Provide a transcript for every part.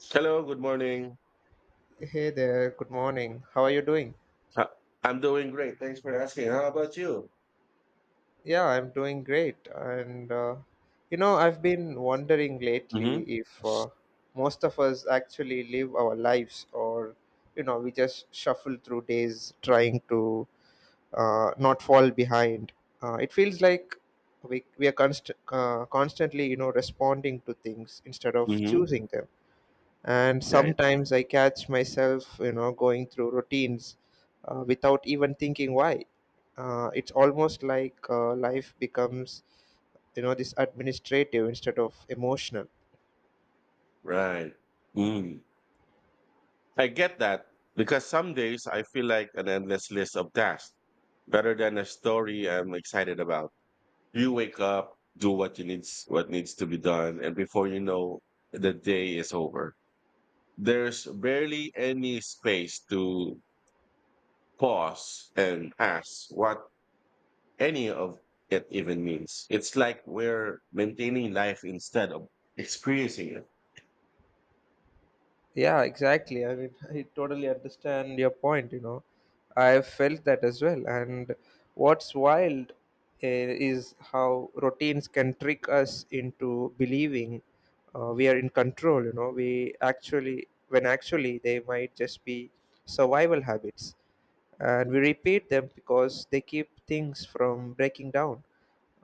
Hello, good morning. Hey there, good morning. How are you doing? Uh, I'm doing great. Thanks for asking. How about you? Yeah, I'm doing great. And I've been wondering lately Mm-hmm. if most of us actually live our lives, or we just shuffle through days trying to not fall behind. It feels like we are constantly, you know, responding to things instead of Mm-hmm. choosing them. And Right. sometimes I catch myself, you know, going through routines without even thinking why. It's almost like life becomes, you know, this administrative instead of emotional. Right. Mm. I get that because some days I feel like an endless list of tasks rather than a story I'm excited about. You wake up, do what you needs what needs to be done, and before you know, the day is over. There's barely any space to pause and ask what any of it even means. It's like we're maintaining life instead of experiencing it. Yeah, exactly. I mean, I totally understand your point, you know. I felt that as well. And what's wild, is how routines can trick us into believing we are in control, you know. When actually they might just be survival habits. And we repeat them because they keep things from breaking down,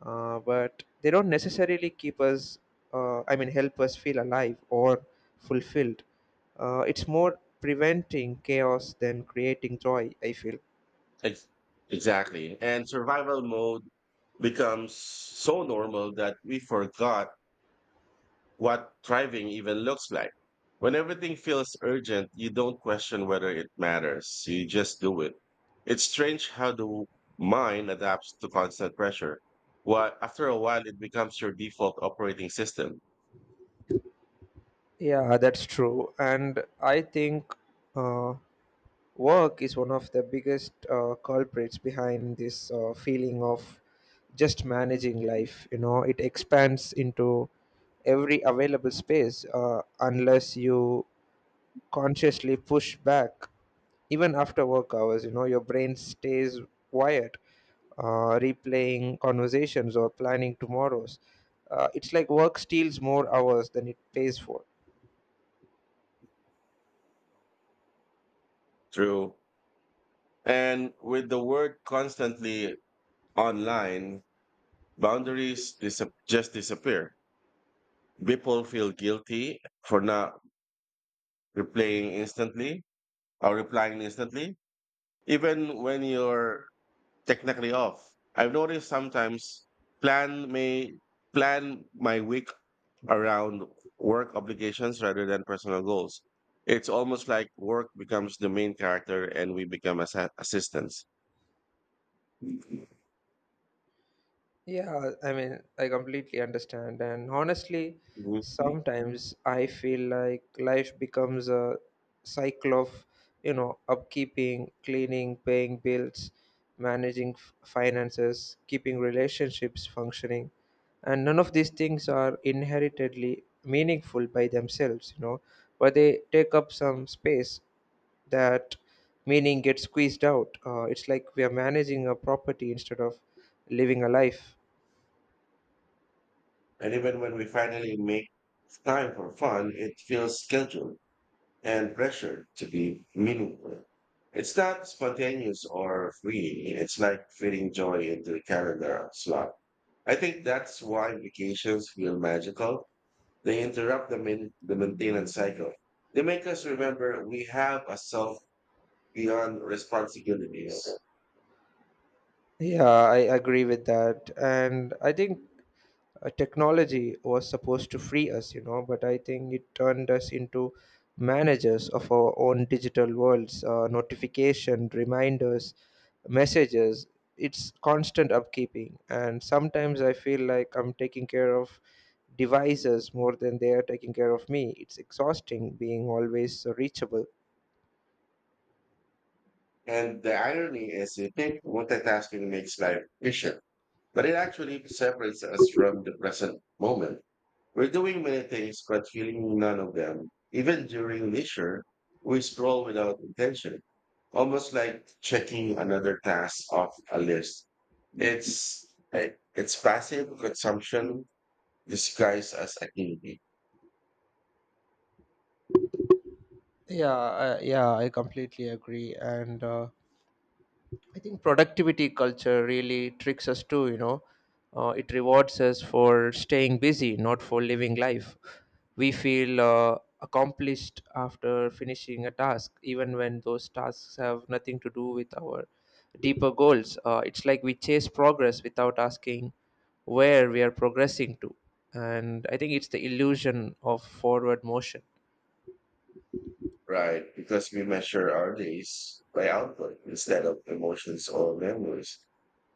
but they don't necessarily keep us help us feel alive or fulfilled. It's more preventing chaos than creating joy, I feel. Ex- Exactly. And survival mode becomes so normal that we forgot what thriving even looks like. When everything feels urgent, you don't question whether it matters. You just do it. It's strange how the mind adapts to constant pressure. What after a while it becomes your default operating system Yeah, that's true. And I think uh, work is one of the biggest culprits behind this feeling of just managing life. You know, it expands into every available space unless you consciously push back. Even after work hours, you know, your brain stays quiet, replaying conversations or planning tomorrows. It's like work steals more hours than it pays for. through. And with the word constantly online, boundaries dis- just disappear. People feel guilty for not replying instantly or replying instantly, even when you're technically off. I've noticed sometimes plan may plan my week around work obligations rather than personal goals. It's almost like work becomes the main character and we become as assistants. Yeah, I mean, I completely understand. And honestly, Mhm. sometimes I feel like life becomes a cycle of, you know, upkeeping, cleaning, paying bills, managing finances, keeping relationships functioning. And none of these things are inheritedly meaningful by themselves, you know, but they take up some space that meaning gets squeezed out. It's like we are managing a property instead of living a life. And even when we finally make time for fun, it feels scheduled and pressured to be meaningful. It's not spontaneous or free. It's like fitting joy into a calendar slot. I think that's why vacations feel magical. They interrupt the maintenance cycle. They make us remember we have a self beyond responsibilities. Yeah, I agree with that. And I think technology was supposed to free us, you know, but I think it turned us into managers of our own digital worlds, notification, reminders, messages. It's constant upkeeping. And sometimes I feel like I'm taking care of devices more than they are taking care of me. It's exhausting being always reachable. And the irony is you think multitasking makes life efficient, but it actually separates us from the present moment. We're doing many things, but feeling none of them. Even during leisure, we scroll without intention, almost like checking another task off a list. It's it's passive consumption disguised as activity, Yeah, I completely agree. And I think productivity culture really tricks us too, you know. It rewards us for staying busy, not for living life. We feel accomplished after finishing a task, even when those tasks have nothing to do with our deeper goals. It's like we chase progress without asking where we are progressing to. And I think it's the illusion of forward motion. right? Because we measure our days by output instead of emotions or memories.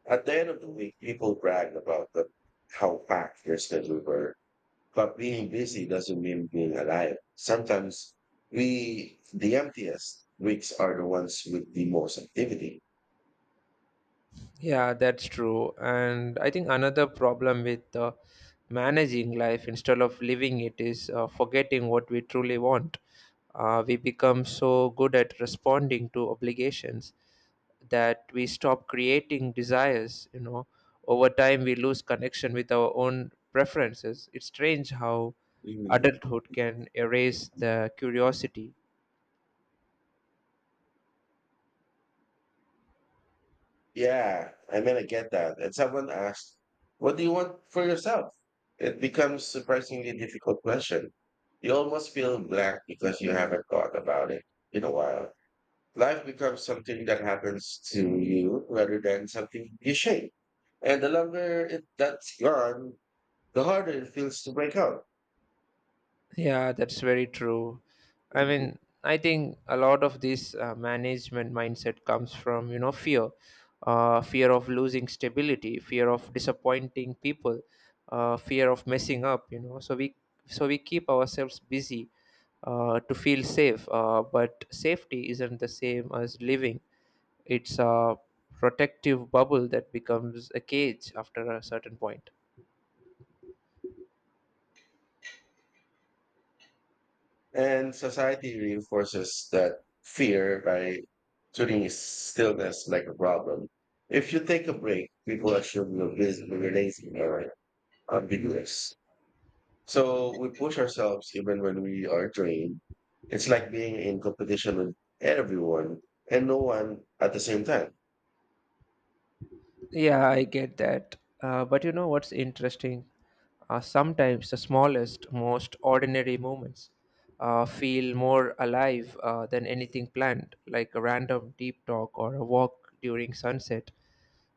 At the end of the week, people brag about how packed their schedule were, but being busy doesn't mean being alive. Sometimes the emptiest weeks are the ones with the most activity. Yeah, that's true. And I think another problem with managing life instead of living it is forgetting what we truly want. We become so good at responding to obligations that we stop creating desires. You know, over time we lose connection with our own preferences. It's strange how Mhm. adulthood can erase the curiosity. Yeah, I mean, I get that. And someone asked, what do you want for yourself? It becomes surprisingly difficult question. You almost feel blank because you haven't thought about it in a while. Life becomes something that happens to you rather than something you shape. And the longer that's gone, the harder it feels to break out. Yeah, that's very true. I Mhm. mean, I think a lot of this management mindset comes from, you know, fear, fear of losing stability, fear of disappointing people, fear of messing up, you know. So we keep ourselves busy to feel safe, but safety isn't the same as living. It's a protective bubble that becomes a cage after a certain point. And society reinforces that fear by treating stillness like a problem. If you take a break, people assume you're busy, you're lazy, or ambiguous. So we push ourselves even when we are drained. It's like being in competition with everyone and no one at the same time. Yeah, I get that. But you know what's interesting? Sometimes the smallest, most ordinary moments feel more alive than anything planned, like a random deep talk or a walk during sunset.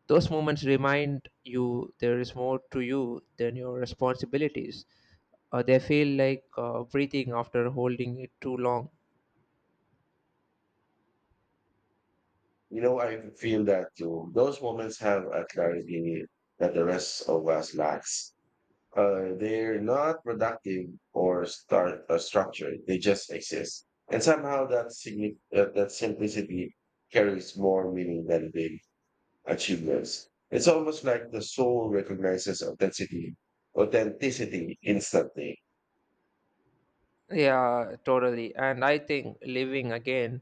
Those moments remind you there is more to you than your responsibilities. They feel like breathing after holding it too long. You know, I feel that too. Those moments have a clarity that the rest of us lacks. They're not productive or start structured. They just exist, and somehow that simplicity carries more meaning than big achievements. It's almost like the soul recognizes authenticity instantly. Yeah, totally. And I think living again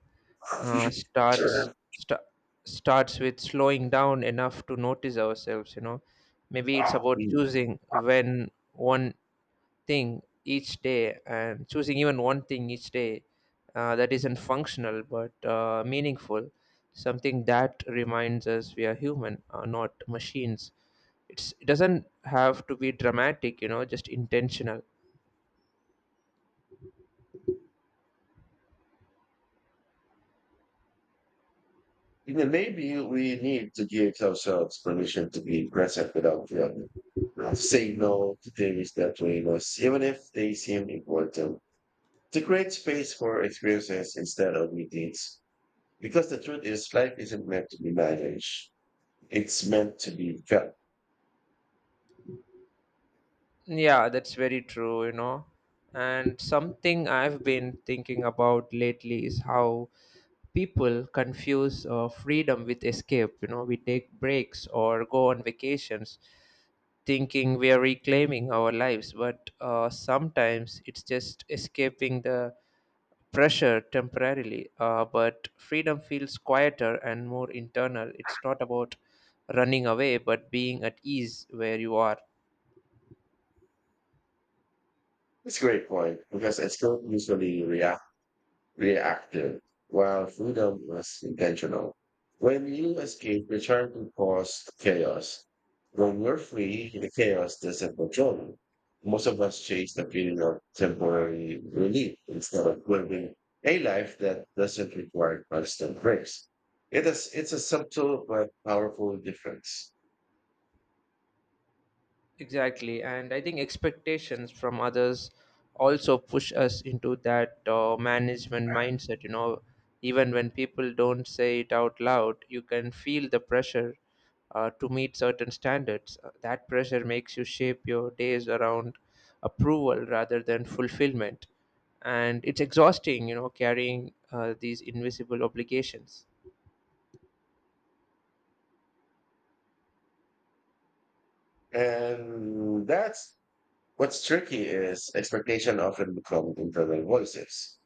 uh, starts Sure. sta- starts with slowing down enough to notice ourselves, you know. Maybe it's about choosing when one thing each day and choosing even one thing each day that isn't functional but meaningful, something that reminds us we are human, not machines. It doesn't have to be dramatic, you know, just intentional. Then maybe we need to give ourselves permission to be present without feeling. Say no to things that we must, even if they seem important. To create space for experiences instead of meetings. Because the truth is, life isn't meant to be managed. It's meant to be felt. Yeah, that's very true, you know. And something I've been thinking about lately is how people confuse freedom with escape. You know, we take breaks or go on vacations thinking we are reclaiming our lives, but sometimes it's just escaping the pressure temporarily. But freedom feels quieter and more internal. It's not about running away, but being at ease where you are. It's a great point because escape usually reacts. Reactive, while freedom was intentional. When you escape, return to cause chaos. When we're free, the chaos doesn't control you. Most of us chase the feeling of temporary relief instead of living a life that doesn't require constant breaks. It's a subtle but powerful difference. Exactly, and I think expectations from others also push us into that management mindset. You know, even when people don't say it out loud, you can feel the pressure to meet certain standards. That pressure makes you shape your days around approval rather than fulfillment, and it's exhausting. You know, carrying these invisible obligations. And that's What's tricky is expectation often become internal voices.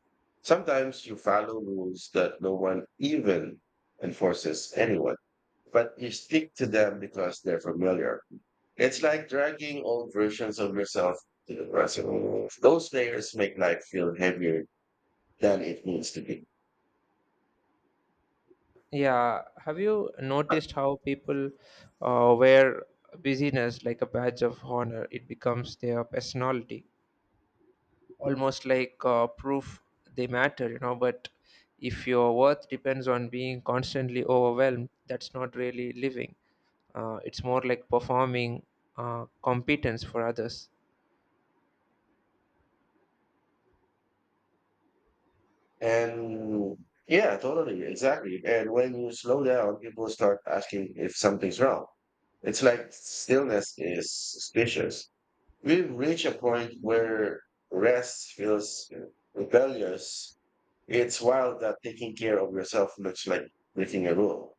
Sometimes you follow rules that no one even enforces anyone, but you stick to them because they're familiar. It's like dragging old versions of yourself to the present world. Those layers make life feel heavier than it needs to be. Yeah, have you noticed how people wear busyness like a badge of honor? It becomes their personality, almost like proof they matter, you know. But if your worth depends on being constantly overwhelmed, that's not really living. It's more like performing competence for others. And exactly. And when you slow down, people start asking if something's wrong. It's like stillness is suspicious. We've reached a point where rest feels rebellious. It's wild that taking care of yourself looks like breaking a rule.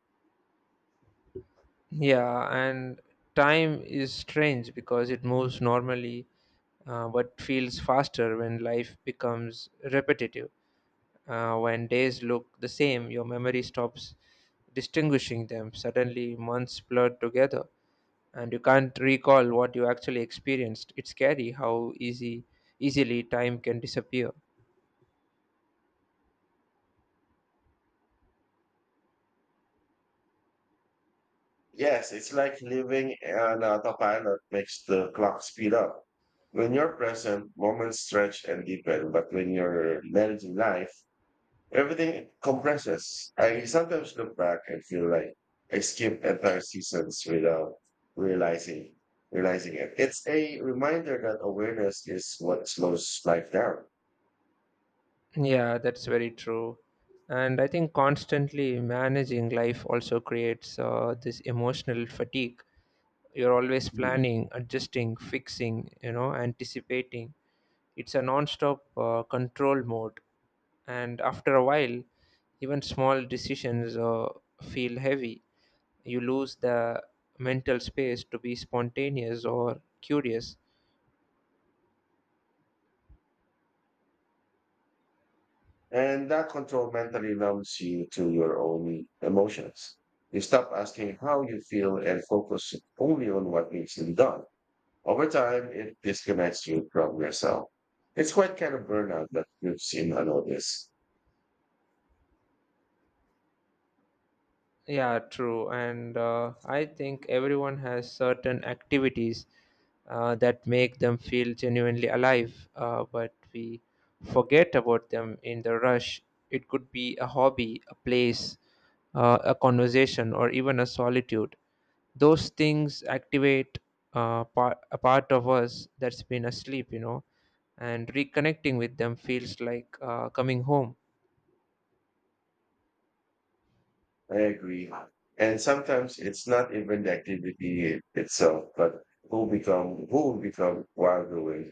Yeah, and time is strange because it moves normally, what feels faster when life becomes repetitive. When days look the same, your memory stops distinguishing them. Suddenly, months blur together, and you can't recall what you actually experienced. It's scary how easily time can disappear. Yes, it's like living on autopilot makes the clock speed up. When you're present, moments stretch and deepen, but when you're managing life, everything compresses. I sometimes look back and feel like I skipped entire seasons without realizing realizing it. It's a reminder that awareness is what slows life down. Yeah, that's very true. And I think constantly managing life also creates this emotional fatigue. You're always Mm. planning, adjusting, fixing, you know, anticipating. It's a non-stop control mode, and after a while even small decisions feel heavy. You lose the mental space to be spontaneous or curious. And that control mentally numbs you to your own emotions. You stop asking how you feel and focus only on what needs to be done. Over time, it disconnects you from yourself. It's quite kind of burnout that lives in unnoticed. Yeah, true. And I think everyone has certain activities that make them feel genuinely alive, but we forget about them in the rush. It could be a hobby, a place, a conversation, or even a solitude. Those things activate a part of us that's been asleep, you know. And reconnecting with them feels like coming home. I agree. And sometimes it's not even itself, but who will become while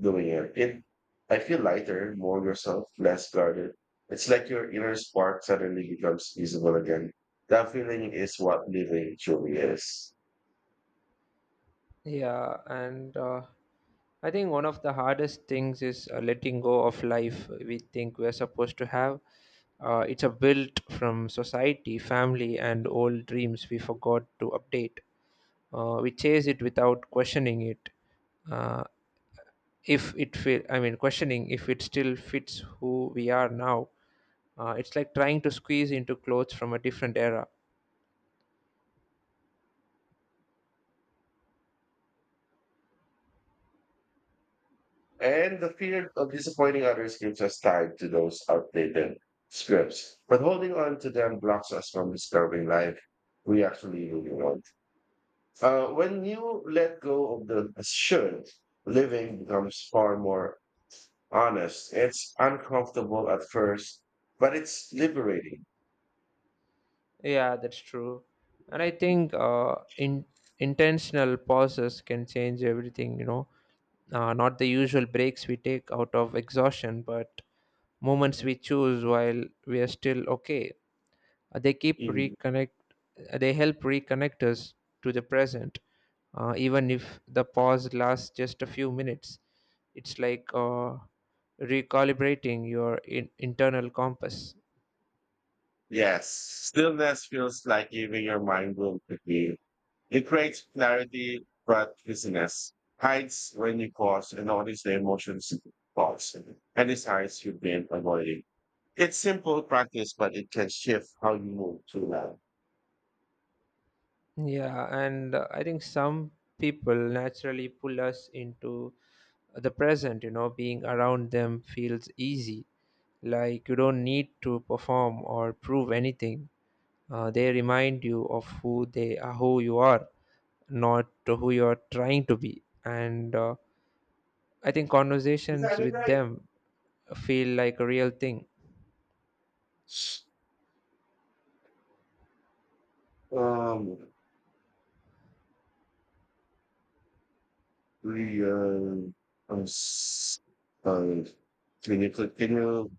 doing it. I feel lighter, more yourself, less guarded. It's like your inner spark suddenly becomes visible again. That feeling is what living truly is. Yeah, and I think one of the hardest things is letting go of life we think we're supposed to have. It's a built from society, family, and old dreams we forgot to update. We chase it without questioning it, uh, if it feel I mean questioning if it still fits who we are now. It's like trying to squeeze into clothes from a different era. And the fear of disappointing others keeps us tied to those outdated scripts. But holding on to them blocks us from discovering life we actually really want. When you let go of the should, living becomes far more honest. It's uncomfortable at first, but it's liberating. Yeah, that's true. And I think in intentional pauses can change everything, you know, not the usual breaks we take out of exhaustion, but moments we choose while we are still okay. Uh, they keep Mm. reconnect, uh, they help reconnect us to the present, even if the pause lasts just a few minutes. It's like recalibrating your internal compass. Yes, stillness feels like giving your mind room to be. It creates clarity, but busyness hides when you pause and notice the emotions pause and decides you've been avoiding. It's simple practice, but it can shift how you move to that. Yeah, and I think some people naturally pull us into the present, you know. Being around them feels easy. Like you don't need to perform or prove anything. They remind you of who they are, who you are, not to who you're trying to be. And I think Is conversations that it with right? them feel like a real thing. Um, we s- uh, when you could- can you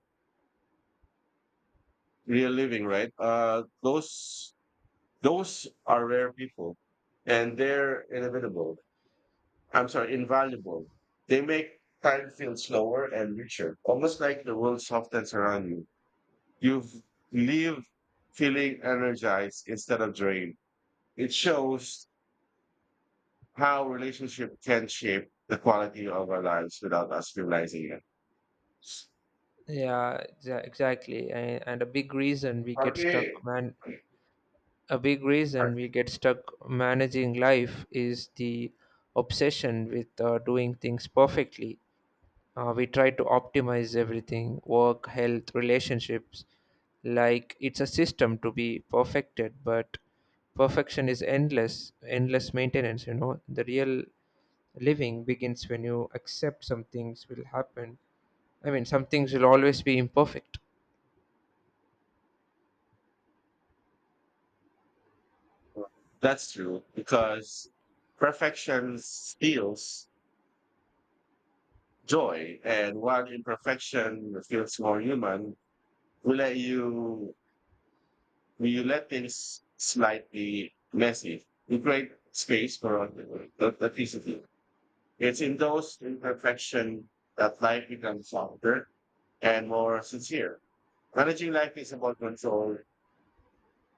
real living right, those are rare people and they're inevitable I'm sorry invaluable. They make time feel slower and richer, almost like the world softens around you you've feeling energized instead of drained. It shows how relationship can shape the quality of our lives without us realizing it. Exactly. And a big reason we get Okay. stuck man A big reason we get stuck managing life is the obsession with doing things perfectly. We try to optimize everything: work, health, relationships, like it's a system to be perfected, but perfection is endless maintenance. You know, the real living begins when you accept some things will always be imperfect. That's true because perfection steals joy, and while imperfection feels more human, we let you we let things slightly messy. We create space for authenticity. It's in those imperfection that life becomes softer and more sincere. Managing life is about control.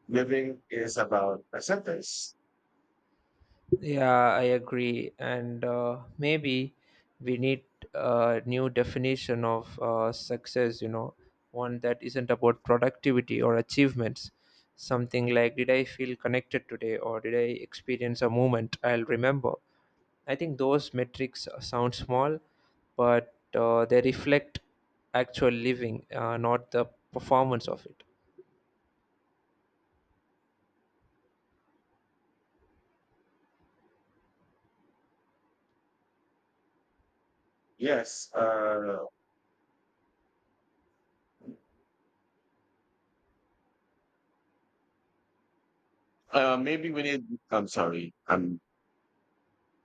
Living is about acceptance. Yeah, I agree. And maybe we need a new definition of success, you know, one that isn't about productivity or achievements. Something like, did I feel connected today, or did I experience a moment I'll remember? I think those metrics sound small, but they reflect actual living, not the performance of it. Yes, maybe we need, I'm sorry.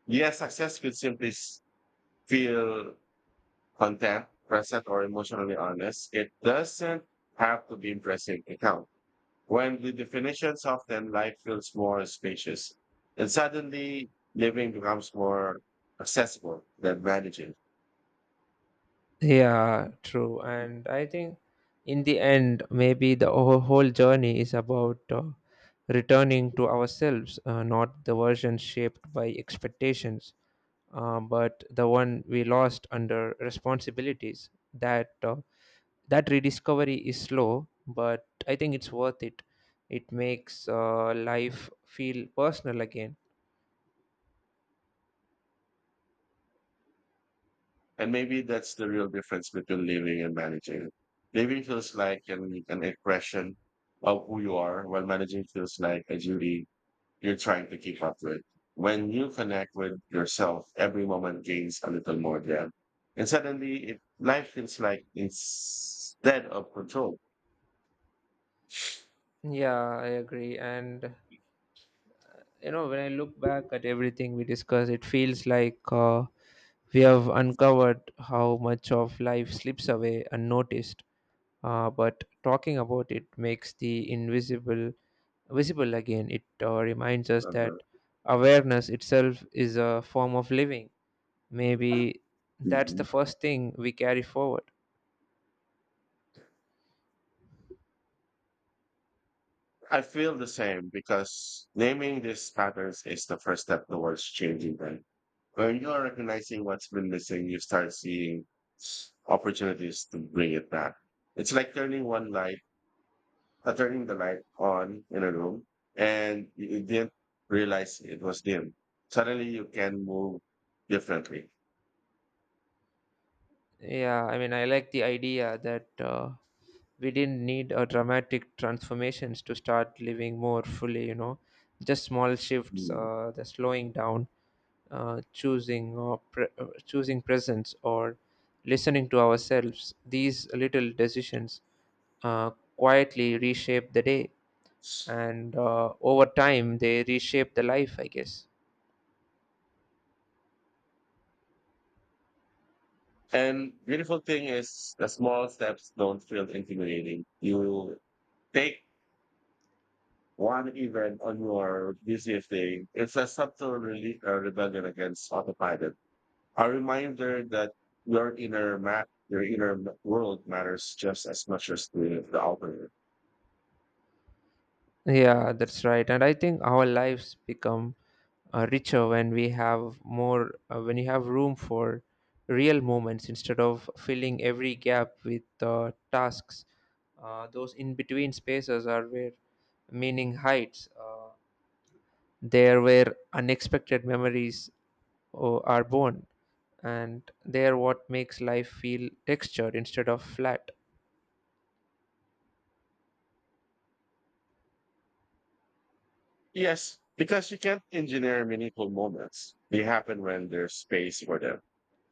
Yeah, success could simply feel content, present, or emotionally honest. It doesn't have to be impressive to count. When the definitions of them, life feels more spacious. And suddenly, living becomes more accessible than managing. Yeah, true. And I think in the end, maybe the whole journey is about returning to ourselves, not the version shaped by expectations, but the one we lost under responsibilities. That rediscovery is slow, but I think it's worth it. It makes life feel personal again. And maybe that's the real difference between living and managing. Living feels like an expression of who you are, while managing feels like a duty you're trying to keep up with. When you connect with yourself, every moment gains a little more depth. And suddenly, life feels like instead of control. Yeah, I agree. And you know, when I look back at everything we discuss, it feels like we have uncovered how much of life slips away unnoticed, but talking about it makes the invisible visible again. It reminds us Uh-huh. that awareness itself is a form of living, maybe that's the Mhm. first thing we carry forward. I feel the same because naming these patterns is the first step towards changing them. When you are recognizing what's been missing, you start seeing opportunities to bring it back. It's like turning the light on in a room, and you didn't realize it was dim. Suddenly you can move differently. Yeah, I mean, I like the idea that we didn't need a dramatic transformations to start living more fully, you know, just small shifts, Mm. The slowing down, choosing presence or listening to ourselves. These little decisions uh, quietly reshape the day, and over time they reshape the life, I guess. And beautiful thing is the small steps don't feel intimidating. You take one event on your busiest day. It's a subtle rebellion against autopilot. A reminder that your inner world matters just as much as the outer. Yeah, that's right. And I think our lives become richer when we have more, when you have room for real moments instead of filling every gap with tasks. Those in between spaces are where meaning hides, there where unexpected memories are born, and they're what makes life feel textured instead of flat. Yes, because you can't engineer meaningful moments. They happen when there's space for them.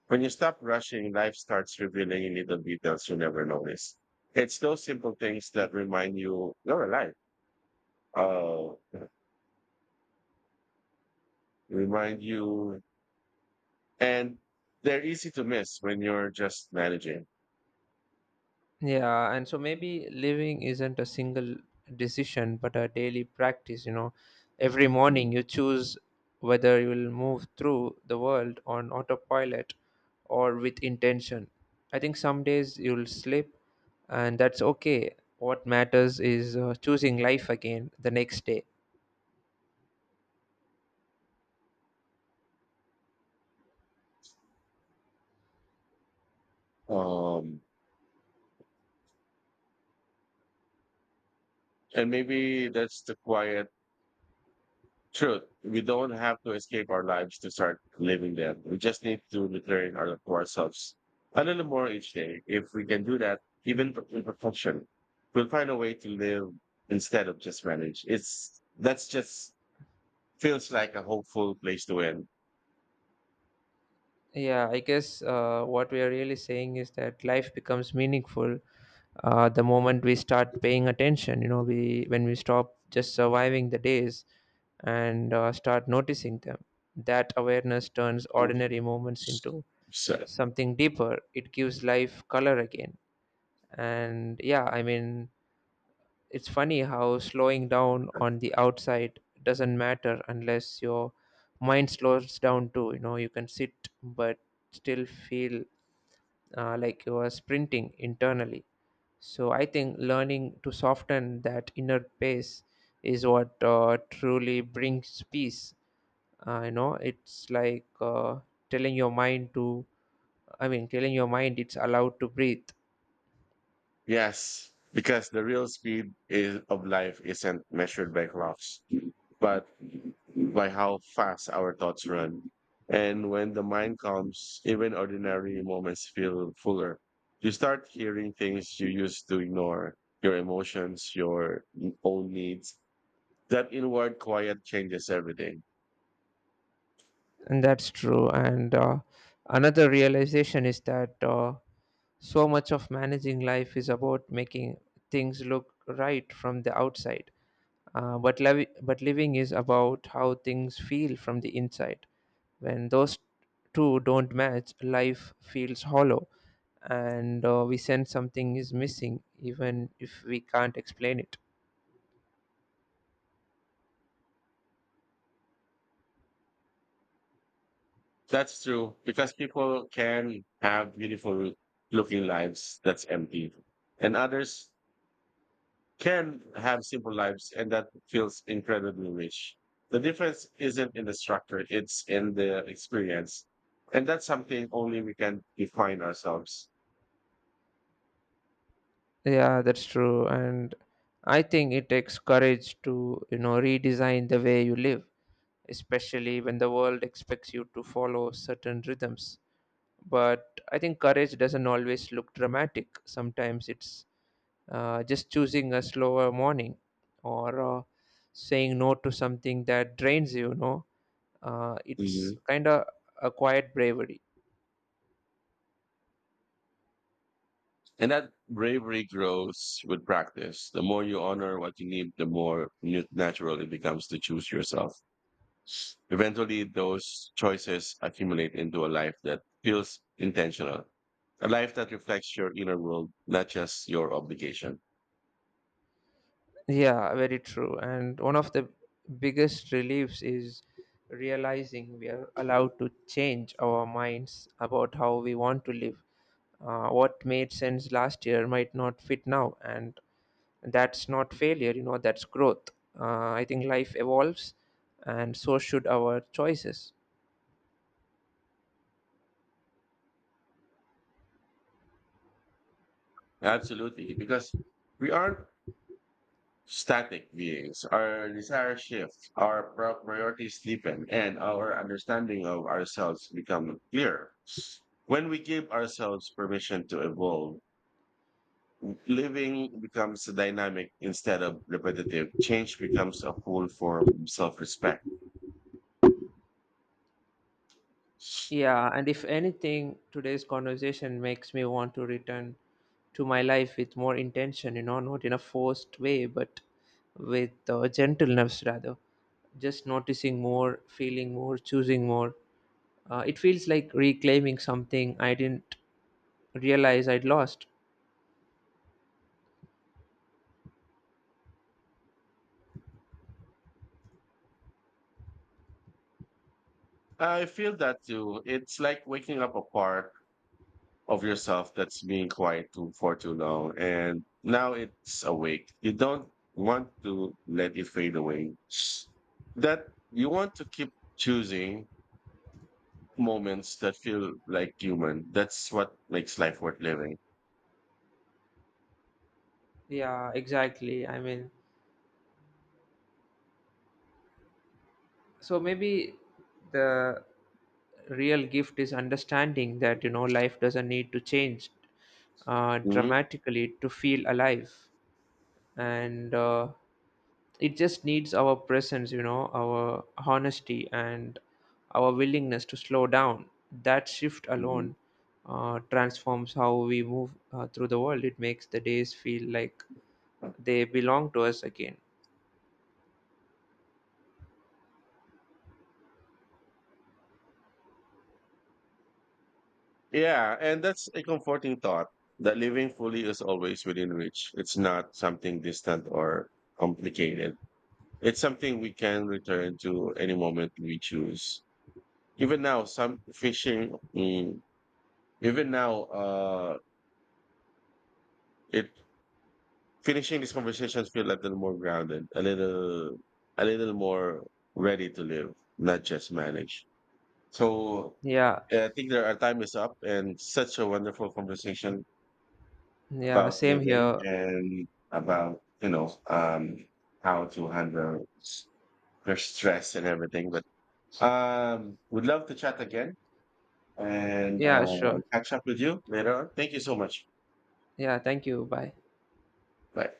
When you stop rushing, life starts revealing little details you never notice. It's those simple things that remind you you're alive. Uh, remind you, and they're easy to miss when you're just managing. Yeah, and so maybe living isn't a single decision, but a daily practice. You know, every Mm. morning you choose whether you will move through the world on autopilot or with intention. I think some days you'll slip, and that's okay. What matters is choosing life again the next day. Um, and maybe that's the quiet truth, we don't have to escape our lives to start living them. We just need to to ourselves a little more each day. If we can do that, even imperfection, we'll find a way to live instead of just manage. It's that's just feels like a hopeful place to end. Yeah, I guess what we are really saying is that life becomes meaningful the moment we start paying attention. You know, we, when we stop just surviving the days and start noticing them, that awareness turns ordinary moments into So, something deeper. It gives life color again. And yeah, I mean, it's funny how slowing down on the outside doesn't matter unless your mind slows down too. You know, you can sit but still feel like you are sprinting internally. So I think learning to soften that inner pace is what truly brings peace. You know, it's like telling your mind to, telling your mind it's allowed to breathe. yes, because the real speed of life isn't measured by clocks, but by how fast our thoughts run. And when the mind comes, even ordinary moments feel fuller. You start hearing things you used to ignore, your emotions, your own needs. That inward quiet changes everything. And that's true. And another realization is that so much of managing life is about making things look right from the outside. But, but living is about how things feel from the inside. When those two don't match, life feels hollow, and we sense something is missing, even if we can't explain it. That's true because people can have beautiful looking lives that's empty, and others can have simple lives and that feels incredibly rich. The difference isn't in the structure, it's in the experience. And that's something only we can define ourselves. Yeah, that's true. And I think it takes courage to, you know, redesign the way you live, especially when the world expects you to follow certain rhythms. But I think courage doesn't always look dramatic. Sometimes it's just choosing a slower morning or saying no to something that drains you, you know, it's Mhm. kind of a quiet bravery. And that bravery grows with practice. The more you honor what you need, the more natural it becomes to choose yourself. Eventually, those choices accumulate into a life that feels intentional, a life that reflects your inner world, not just your obligation. Yeah, very true. And one of the biggest reliefs is realizing we are allowed to change our minds about how we want to live. What made sense last year might not fit now, and that's not failure, you know, that's growth. Uh, I think life evolves, and so should our choices. Absolutely, because we aren't static beings. Our desires shift, our priorities deepen, and our understanding of ourselves become clearer. When we give ourselves permission to evolve, living becomes dynamic instead of repetitive. Change becomes a full form of self-respect. Yeah, and if anything, today's conversation makes me want to return to my life with more intention, you know, not in a forced way, but with gentleness rather. Just noticing more, feeling more, choosing more. It feels like reclaiming something I didn't realize I'd lost. I feel that too. It's like waking up apart of yourself that's being quiet too, for too long. And now it's awake. You don't want to let it fade away. That you want to keep choosing moments that feel like human. That's what makes life worth living. Yeah, exactly. I mean, so maybe the real gift is understanding that, you know, life doesn't need to change Hmm. dramatically to feel alive, and it just needs our presence, you know, our honesty and our willingness to slow down. That shift Hmm. alone transforms how we move through the world. It makes the days feel like they belong to us again. Yeah. And that's a comforting thought that living fully is always within reach. It's not something distant or complicated. It's something we can return to any moment we choose. Even now, some fishing. Mm, Even now, it finishing these conversations feel a little more grounded, a little more ready to live, not just manage. So, Yeah. I think there our time is up, and such a wonderful conversation Yeah, about same living here. and about how to handle your stress and everything. But would love to chat again and Yeah, sure. catch up with you later on. Thank you so much. Yeah, thank you, bye. Bye.